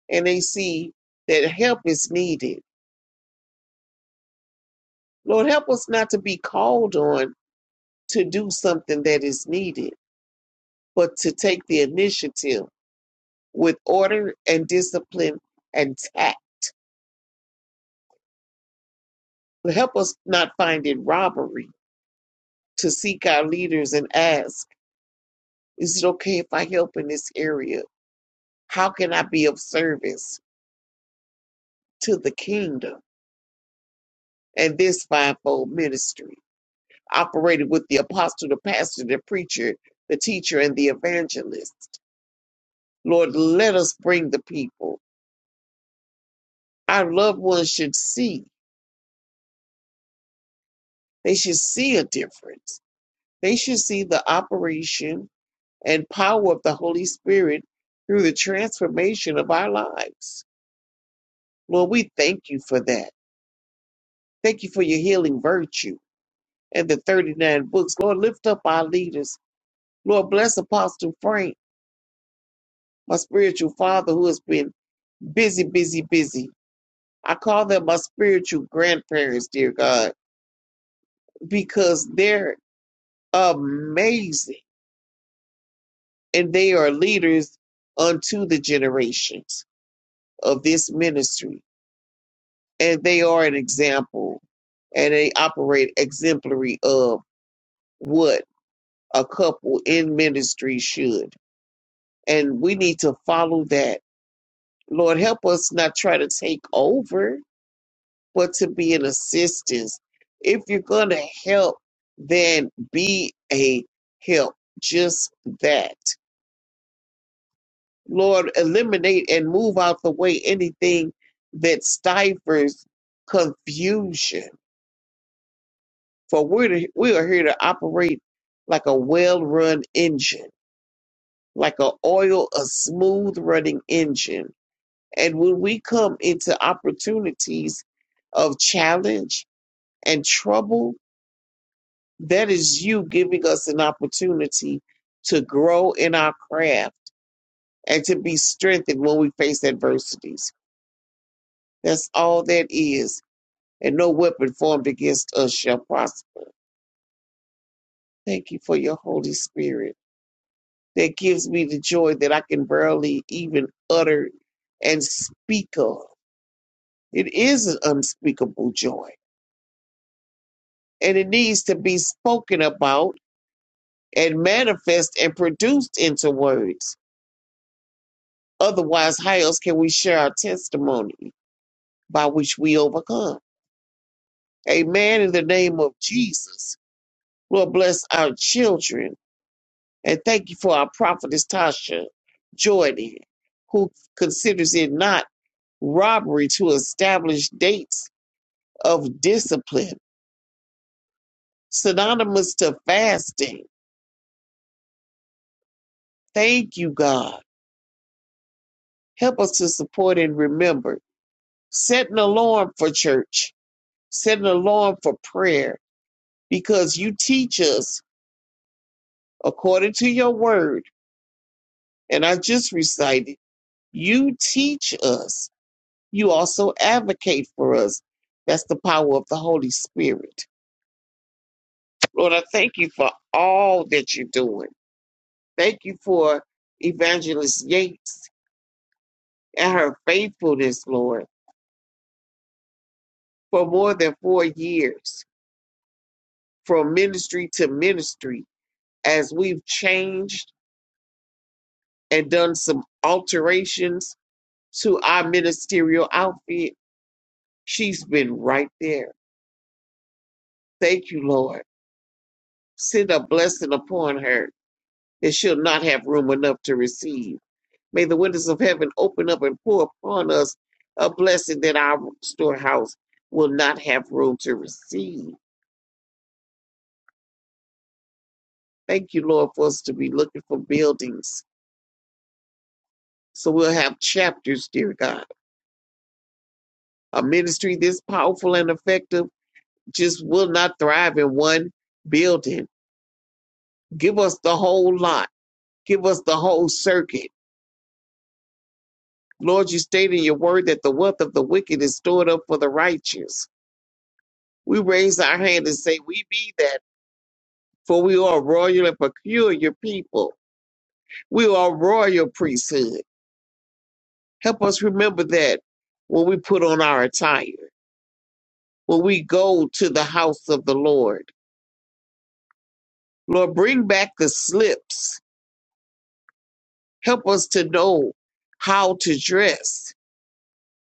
Speaker 3: and they see that help is needed. Lord, help us not to be called on to do something that is needed but to take the initiative with order and discipline and tact. Help us not find it robbery to seek our leaders and ask, is it okay if I help in this area? How can I be of service to the kingdom and this fivefold ministry? Operated with the apostle, the pastor, the preacher, the teacher, and the evangelist. Lord, let us bring the people. Our loved ones should see. They should see a difference They should see the operation and power of the Holy Spirit through the transformation of our lives. Lord, we thank you for that. Thank you for your healing virtue and the 39 books. Lord, lift up our leaders. Lord, bless Apostle Frank, my spiritual father who has been busy, busy, busy. I call them my spiritual grandparents, dear God, because they're amazing and they are leaders unto the generations of this ministry. and they are an example and they operate exemplary of what a couple in ministry should. And we need to follow that. Lord, help us not try to take over, but to be an assistance. If you're going to help, then be a help. Just that. Lord, eliminate and move out the way anything that stifles confusion For we're to, we are here to operate like a well-run engine, like a oil, a smooth-running engine. And when we come into opportunities of challenge and trouble, that is you giving us an opportunity to grow in our craft and to be strengthened when we face adversities. That's all that is. And no weapon formed against us shall prosper. Thank you for your Holy Spirit. that gives me the joy that I can barely even utter and speak of. It is an unspeakable joy, and it needs to be spoken about and manifest and produced into words. Otherwise, how else can we share our testimony by which we overcome? Amen. In the name of Jesus, Lord, bless our children. And thank you for our prophetess Tasha Jordan, who considers it not robbery to establish dates of discipline, synonymous to fasting. Thank you, God. Help us to support and remember. Set an alarm for church, set an alarm for prayer, because you teach us according to your word. And I just recited, you teach us. You also advocate for us. That's the power of the Holy Spirit. Lord, I thank you for all that you're doing. Thank you for Evangelist Yates and her faithfulness, Lord, for more than four years, from ministry to ministry, as we've changed and done some alterations to our ministerial outfit. She's been right there. Thank you, Lord. Send a blessing upon her that she'll not have room enough to receive. May the windows of heaven open up and pour upon us a blessing that our storehouse will not have room to receive. Thank you, Lord, for us to be looking for buildings. So we'll have chapters, dear God. A ministry this powerful and effective just will not thrive in one building. Give us the whole lot, give us the whole circuit. Lord, you state in your word that the wealth of the wicked is stored up for the righteous. We raise our hand and say, We be that. for we are a royal and peculiar people. We are a royal priesthood. Help us remember that when we put on our attire, when we go to the house of the Lord. Lord, bring back the slips. Help us to know how to dress,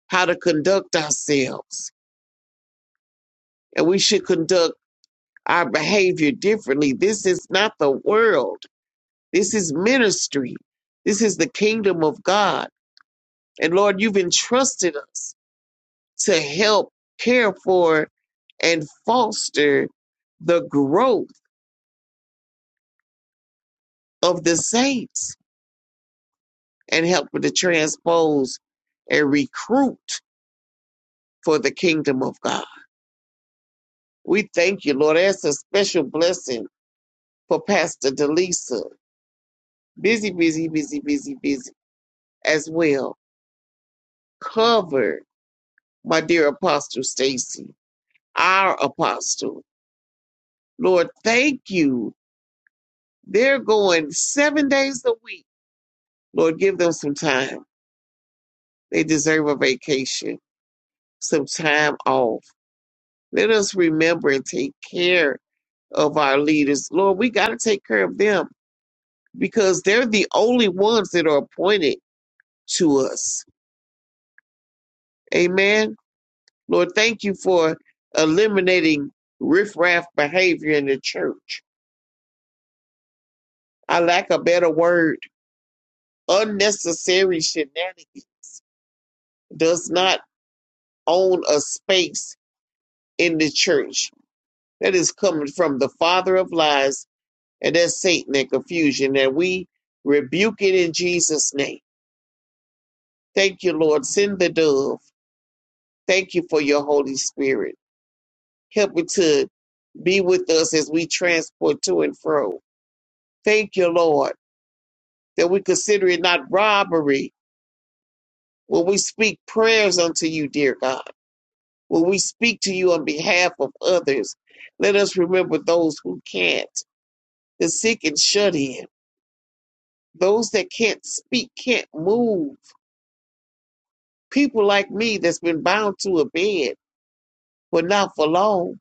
Speaker 3: how to conduct ourselves. And we should conduct our behavior differently. This is not the world. This is ministry. This is the kingdom of God. And Lord, you've entrusted us to help care for and foster the growth of the saints and help to transpose and recruit for the kingdom of God. We thank you, Lord. That's a special blessing for Pastor Delisa. Busy, busy, busy, busy, busy as well. Cover my dear Apostle Stacy, our apostle. Lord, thank you. They're going seven days a week. Lord, give them some time They deserve a vacation, some time off. Let us remember and take care of our leaders. Lord, we got to take care of them because they're the only ones that are appointed to us. Amen. Lord, thank you for eliminating riffraff behavior in the church. I lack a better word. Unnecessary shenanigans does not own a space in the church. That is coming from the father of lies and that Satan and confusion. And we rebuke it in Jesus' name. Thank you, Lord. Send the dove. Thank you for your Holy Spirit. Help it to be with us as we transport to and fro. Thank you, Lord, that we consider it not robbery when we speak prayers unto you, dear God. When we speak to you on behalf of others, let us remember those who can't, the sick and shut in, those that can't speak, can't move people like me that's been bound to a bed, but not for long,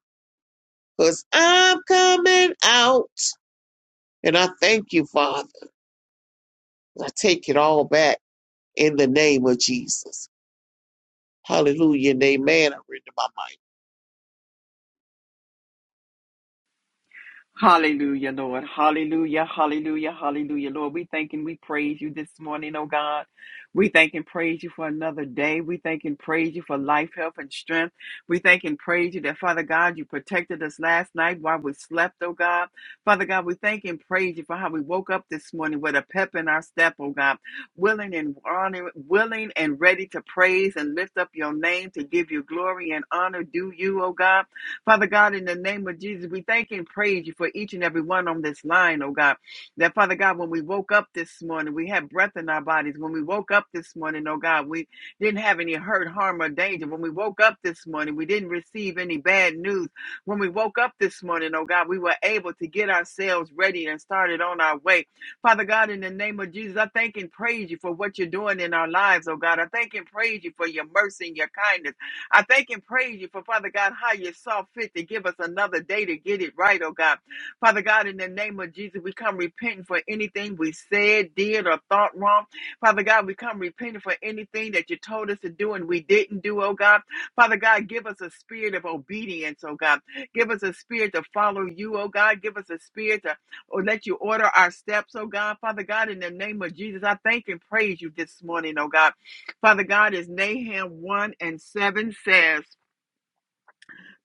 Speaker 3: because I'm coming out. And I thank you, Father. I take it all back in the name of Jesus. Hallelujah and amen. I read my
Speaker 4: Hallelujah, Lord. Hallelujah, hallelujah, hallelujah, Lord. We thank and we praise you this morning, oh God. We thank and praise you for another day. We thank and praise you for life, health, and strength. We thank and praise you that, Father God, you protected us last night while we slept, oh God. Father God, we thank and praise you for how we woke up this morning with a pep in our step, oh God, willing and honor, willing and ready to praise and lift up your name to give you glory and honor due you, oh God. Father God, in the name of Jesus, we thank and praise you for each and every one on this line, oh God. That Father God, when we woke up this morning, we had breath in our bodies. When we woke up this morning, oh God, we didn't have any hurt, harm, or danger. When we woke up this morning, we didn't receive any bad news. When we woke up this morning, oh God, we were able to get ourselves ready and started on our way. Father God, in the name of Jesus, I thank and praise you for what you're doing in our lives, oh God. I thank and praise you for your mercy and your kindness. I thank and praise you for, Father God, how you saw fit to give us another day to get it right, oh God. Father God, in the name of Jesus, we come repenting for anything we said, did, or thought wrong. Father God, we come repenting for anything that you told us to do and we didn't do, oh God. Father God, give us a spirit of obedience, oh God. Give us a spirit to follow you, oh God. Give us a spirit to or let you order our steps, oh God. Father God, in the name of Jesus, I thank and praise you this morning, oh God. Father God, as Nahum 1 and 7 says,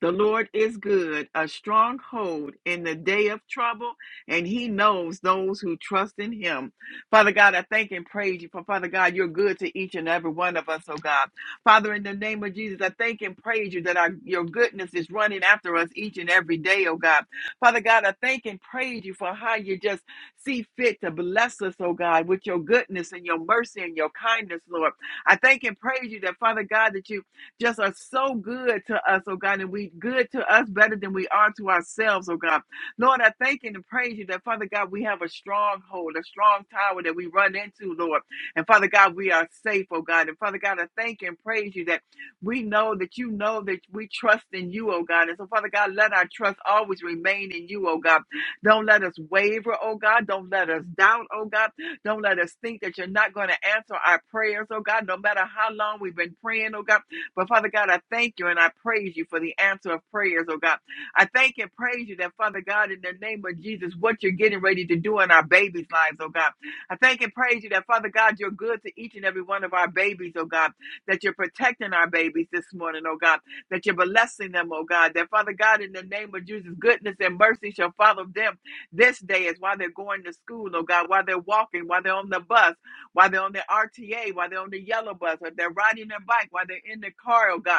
Speaker 4: the Lord is good, a stronghold in the day of trouble, and He knows those who trust in Him. Father God, I thank and praise you for Father God, you're good to each and every one of us, oh God. Father, in the name of Jesus, I thank and praise you that our, your goodness is running after us each and every day, oh God. Father God, I thank and praise you for how you just see fit to bless us, oh God, with your goodness and your mercy and your kindness, Lord. I thank and praise you that, Father God, that you just are so good to us, oh God, and we good to us better than we are to ourselves, oh God. Lord, I thank you and praise you that Father God, we have a stronghold, a strong tower that we run into, Lord. And Father God, we are safe, oh God. And Father God, I thank you and praise you that we know that you know that we trust in you, oh God. And so, Father God, let our trust always remain in you, oh God. Don't let us waver, oh God. Don't let us doubt, oh God. Don't let us think that you're not going to answer our prayers, oh God, no matter how long we've been praying, oh God. But Father God, I thank you and I praise you for the answer of prayers, oh God. I thank and praise you that, Father God, in the name of Jesus, what you're getting ready to do in our babies' lives, oh God. I thank and praise you that, Father God, you're good to each and every one of our babies, oh God, that you're protecting our babies this morning, oh God, that you're blessing them, oh God, that, Father God, in the name of Jesus, goodness and mercy shall follow them this day is while they're going to school, oh God, while they're walking, while they're on the bus while they're on their RTA, while they're on the yellow bus, or if they're riding their bike, while they're in the car, oh God.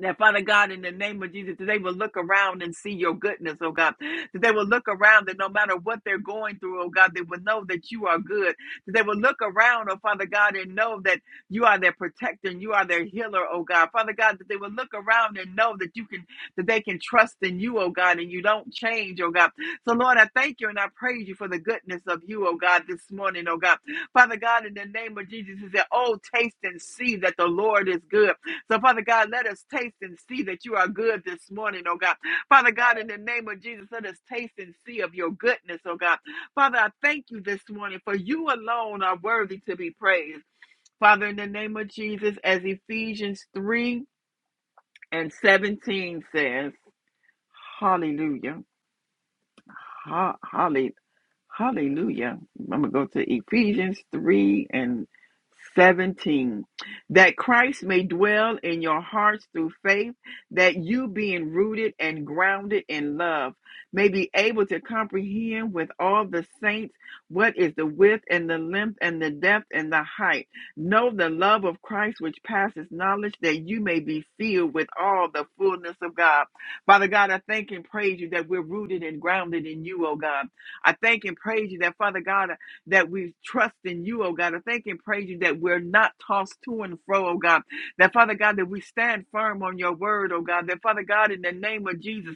Speaker 4: That Father God, in the name of Jesus, that they will look around and see your goodness, oh God. That they will look around that no matter what they're going through, oh God, they will know that you are good. That they will look around, oh Father God, and know that you are their protector and you are their healer, oh God. Father God, that they will look around and know that you can that they can trust in you, oh God, and you don't change, oh God. So Lord, I thank you and I praise you for the goodness of you, oh God, this morning, oh God. Father God, in the name of Jesus, is that oh taste and see that the Lord is good. So, Father God, let us taste and see that you are good this morning, oh God. Father God, in the name of Jesus, let us taste and see of your goodness, oh God. Father, I thank you this morning for you alone are worthy to be praised. Father, in the name of Jesus, as Ephesians 3 and 17 says, Hallelujah. ha- hallelujah. Hallelujah. I'm going to go to Ephesians 3 and 17. That Christ may dwell in your hearts through faith, that you, being rooted and grounded in love, may be able to comprehend with all the saints what is the width and the length and the depth and the height. Know the love of Christ which passes knowledge, that you may be filled with all the fullness of God. Father God, I thank and praise you that we're rooted and grounded in you, oh God. I thank and praise you that, Father God, that we trust in you, oh God. I thank and praise you that we're not tossed to and fro, oh God. That, Father God, that we stand firm on your word, oh God. That, Father God, in the name of Jesus,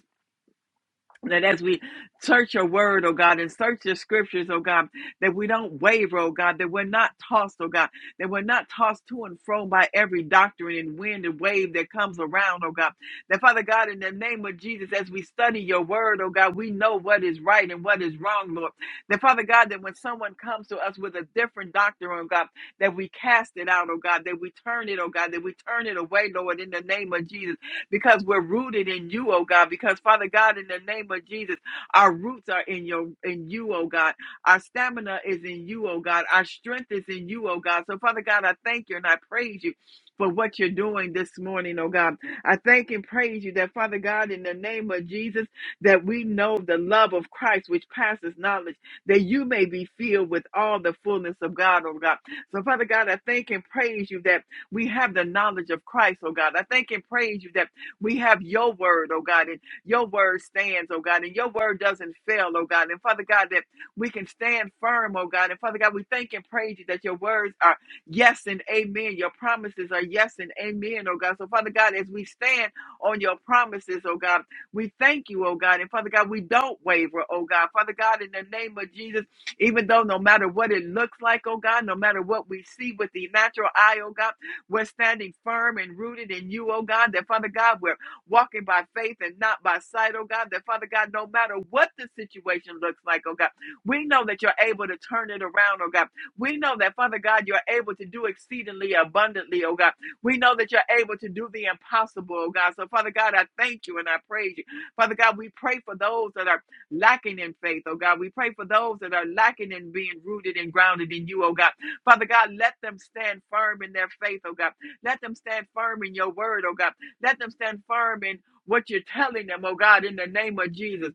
Speaker 4: that as we search your word, oh God, and search your scriptures, oh God, that we don't waver, oh God, that we're not tossed, oh God, that we're not tossed to and fro by every doctrine and wind and wave that comes around, oh God. That Father God, in the name of Jesus, as we study your word, oh God, we know what is right and what is wrong, Lord. That Father God, that when someone comes to us with a different doctrine, oh God, that we cast it out, oh God, that we turn it, oh God, that we turn it away, Lord, in the name of Jesus because we're rooted in you, oh God. Because Father God, in the name of Jesus, our roots are in your in you, oh God. Our stamina is in you, oh God. Our strength is in you, oh God. So Father God, I thank you and I praise you for what you're doing this morning, oh God. I thank and praise you that Father God, in the name of Jesus, that we know the love of Christ which passes knowledge, that you may be filled with all the fullness of God, oh God. So Father God, I thank and praise you that we have the knowledge of Christ, oh God. I thank and praise you that we have your word, oh God, and your word stands, oh God, and your word doesn't fail, oh God. And Father God, that we can stand firm, oh God. And Father God, we thank and praise you that your words are yes and amen. Your promises are yes and amen, oh God. So, Father God, as we stand on your promises, oh God, we thank you, oh God. And Father God, we don't waver, oh God. Father God, in the name of Jesus, even though no matter what it looks like, oh God, no matter what we see with the natural eye, oh God. We're standing firm and rooted in you, oh God, that Father God, we're walking by faith and not by sight, oh God, that Father God, no matter what the situation looks like, oh God, we know that you're able to turn it around, oh God. We know that, Father God, you're able to do exceedingly abundantly, oh God. We know that you're able to do the impossible, oh God. So, Father God, I thank you and I praise you. Father God, we pray for those that are lacking in faith, oh God. We pray for those that are lacking in being rooted and grounded in you, oh God. Father God, let them stand firm in their faith, oh God. Let them stand firm in your word, oh God. Let them stand firm in what you're telling them, oh God, in the name of Jesus.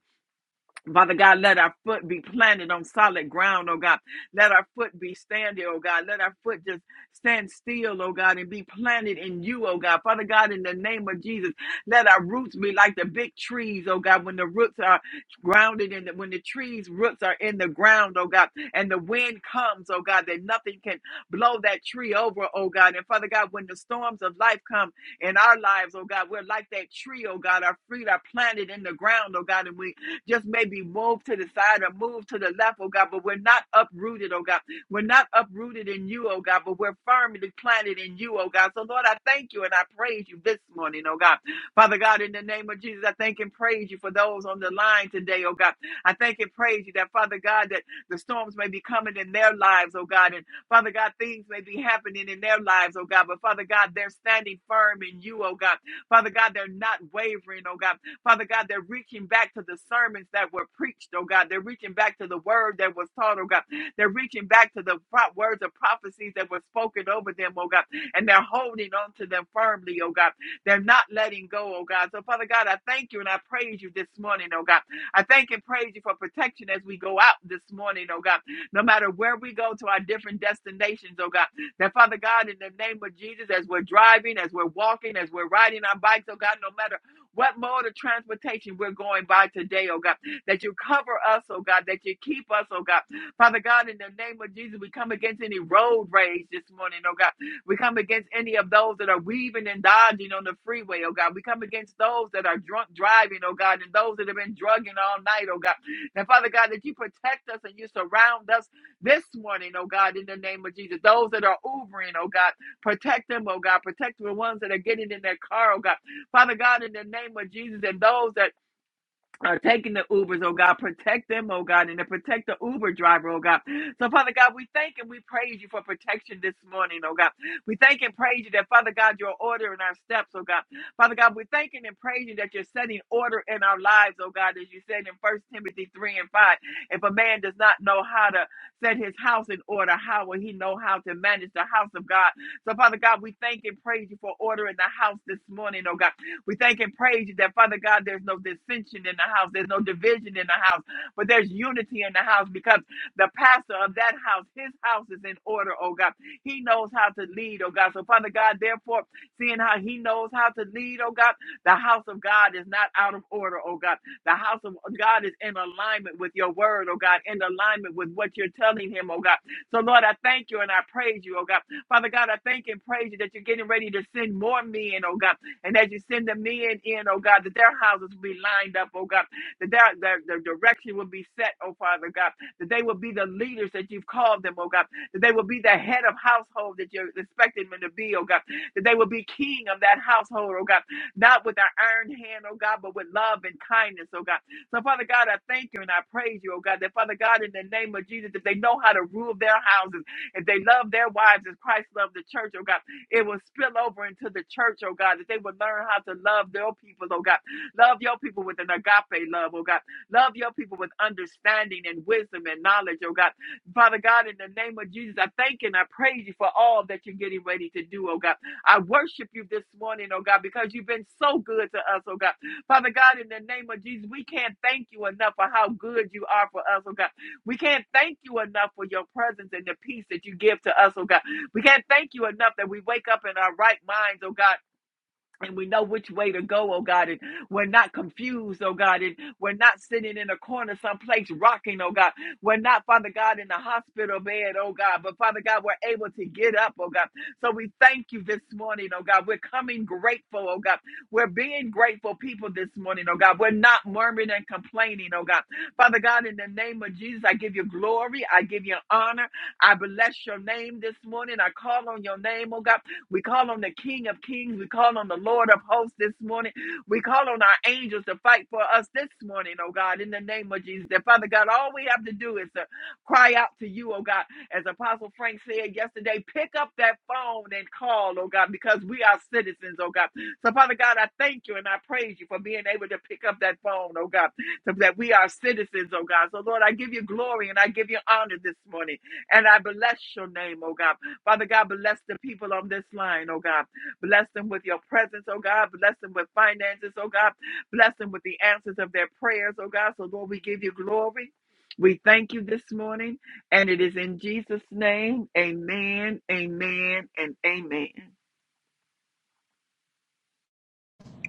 Speaker 4: Father God, let our foot be planted on solid ground, oh God. Let our foot be standing, oh God. Let our foot just stand still, oh God, and be planted in you, oh God. Father God, in the name of Jesus, let our roots be like the big trees, oh God. When the roots are grounded in the, when the trees' roots are in the ground, oh God, and the wind comes, oh God, that nothing can blow that tree over, oh God. And Father God, when the storms of life come in our lives, oh God, we're like that tree, oh God. Our feet are planted in the ground, oh God, and we just maybe move to the side or move to the left, oh God, but we're not uprooted, oh God. We're not uprooted in you, oh God, but we're firmly planted in you, oh God. So, Lord, I thank you and I praise you this morning, oh God. Father God, in the name of Jesus, I thank and praise you for those on the line today, oh God. I thank and praise you that, Father God, that the storms may be coming in their lives, oh God, and Father God, things may be happening in their lives, oh God, but Father God, they're standing firm in you, oh God. Father God, they're not wavering, oh God. Father God, they're reaching back to the sermons that were preached, oh God. They're reaching back to the word that was taught, oh God. They're reaching back to the pro- words of prophecies that were spoken over them, oh God. And they're holding on to them firmly, oh God. They're not letting go, oh God. So, Father God, I thank you and I praise you this morning, oh God. I thank and praise you for protection as we go out this morning, oh God. No matter where we go to our different destinations, oh God. That, Father God, in the name of Jesus, as we're driving, as we're walking, as we're riding our bikes, oh God, no matter what mode of transportation we're going by today, oh God, that you cover us, oh God, that you keep us, oh God. Father God, in the name of Jesus, we come against any road rage this morning, oh God. We come against any of those that are weaving and dodging on the freeway, oh God. We come against those that are drunk driving, oh God, and those that have been drugging all night, oh God. And Father God, that you protect us and you surround us this morning, oh God, in the name of Jesus. Those that are Ubering, oh God, protect them, oh God. Protect the ones that are getting in their car, oh God. Father God, in the name of Jesus, and those that are taking the Ubers, oh God, protect them, oh God, and to protect the Uber driver, oh God. So, Father God, we thank and we praise you for protection this morning, oh God. We thank and praise you that, Father God, you're ordering our steps, oh God. Father God, we thank and praise you that you're setting order in our lives, oh God, as you said in First Timothy 3 and 5. If a man does not know how to set his house in order, how will he know how to manage the house of God? So, Father God, we thank and praise you for ordering the house this morning, oh God. We thank and praise you that, Father God, there's no dissension in the house, there's no division in the house, but there's unity in the house because the pastor of that house, his house is in order, oh God. He knows how to lead, oh God. So, Father God, therefore, seeing how he knows how to lead, oh God, the house of God is not out of order, oh God. The house of God is in alignment with your word, oh God, in alignment with what you're telling him, oh God. So, Lord, I thank you and I praise you, oh God. Father God, I thank and praise you that you're getting ready to send more men, oh God. And as you send the men in, oh God, that their houses will be lined up, oh God, that their, their, their direction will be set, oh Father God, that they will be the leaders that you've called them, oh God, that they will be the head of household that you're expecting them to be, oh God, that they will be king of that household, oh God, not with our iron hand, oh God, but with love and kindness, oh God. So, Father God, I thank you and I praise you, oh God, that Father God, in the name of Jesus, if they know how to rule their houses, if they love their wives as Christ loved the church, oh God. It will spill over into the church, oh God, that they will learn how to love their people, oh God. Love your people with an agape love, oh God. Love your people with understanding and wisdom and knowledge, oh God. Father God, in the name of Jesus, I thank and I praise you for all that you're getting ready to do, oh God. I worship you this morning, oh God, because you've been so good to us, oh God. Father God, in the name of Jesus, we can't thank you enough for how good you are for us, oh God. We can't thank you enough for your presence and the peace that you give to us, oh God. We can't thank you enough that we wake up in our right minds, oh God, and we know which way to go, oh God, and we're not confused, oh God, and we're not sitting in a corner someplace rocking, oh God. We're not, Father God, in the hospital bed, oh God, but Father God, we're able to get up, oh God. So we thank you this morning, oh God. We're coming grateful, oh God. We're being grateful people this morning, oh God. We're not murmuring and complaining, oh God. Father God, in the name of Jesus, I give you glory, I give you honor, I bless your name this morning, I call on your name, oh God. We call on the King of Kings. We call on the Lord of Hosts this morning. We call on our angels to fight for us this morning, oh God, in the name of Jesus. And Father God, all we have to do is to cry out to you, oh God. As Apostle Frank said yesterday, pick up that phone and call, oh God, because we are citizens, oh God. So, Father God, I thank you and I praise you for being able to pick up that phone, oh God, so that we are citizens, oh God. So, Lord, I give you glory and I give you honor this morning. And I bless your name, oh God. Father God, bless the people on this line, oh God. Bless them with your presence, oh God. Bless them with finances, oh God. Bless them with the answers of their prayers, oh God. So, Lord, we give you glory. We thank you this morning. And it is in Jesus' name. Amen, amen, and amen.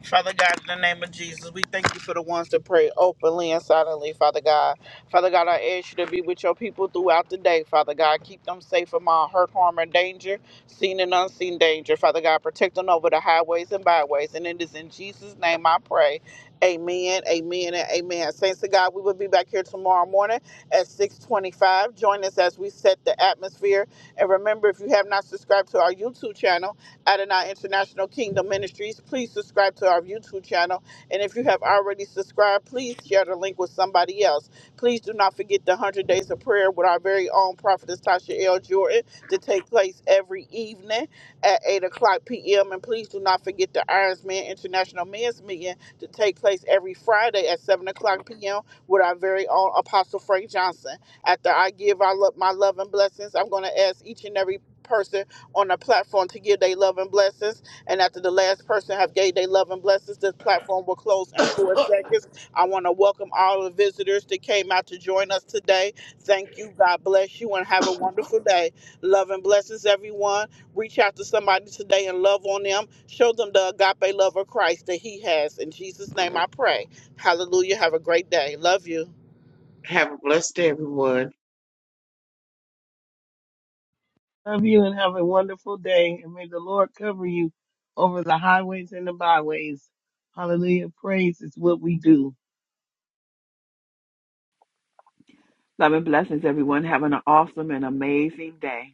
Speaker 1: Father God, in the name of Jesus, we thank you for the ones that pray openly and silently, Father God. Father God, I ask you to be with your people throughout the day, Father God. Keep them safe from all hurt, harm, and danger, seen and unseen danger. Father God, protect them over the highways and byways. And it is in Jesus' name I pray. Amen, amen, and amen. Saints of God, we will be back here tomorrow morning at 625. Join us as we set the atmosphere. And remember, if you have not subscribed to our YouTube channel, Adonai International Kingdom Ministries. Please subscribe to our YouTube channel. And if you have already subscribed, please share the link with somebody else. Please do not forget the 100 Days of Prayer with our very own prophetess Tasha L. Jordan to take place every evening at 8 o'clock p.m. And please do not forget the Irons Man International Men's Meeting to take place every Friday at 7 o'clock p.m. with our very own Apostle Frank Johnson. After I give our, lo- my love and blessings, I'm going to ask each and every person on the platform to give their love and blessings. And after the last person have gave their love and blessings, this platform will close in four seconds. I want to welcome all the visitors that came out to join us today. Thank you. God bless you and have a wonderful day. Love and blessings, everyone. Reach out to somebody today and love on them. Show them the agape love of Christ that He has. In Jesus' name I pray. Hallelujah. Have a great day. Love you.
Speaker 3: Have a blessed day, everyone.
Speaker 2: Love you and have a wonderful day. And may the Lord cover you over the highways and the byways. Hallelujah. Praise is what we do.
Speaker 4: Love and blessings, everyone. Having an awesome and amazing day.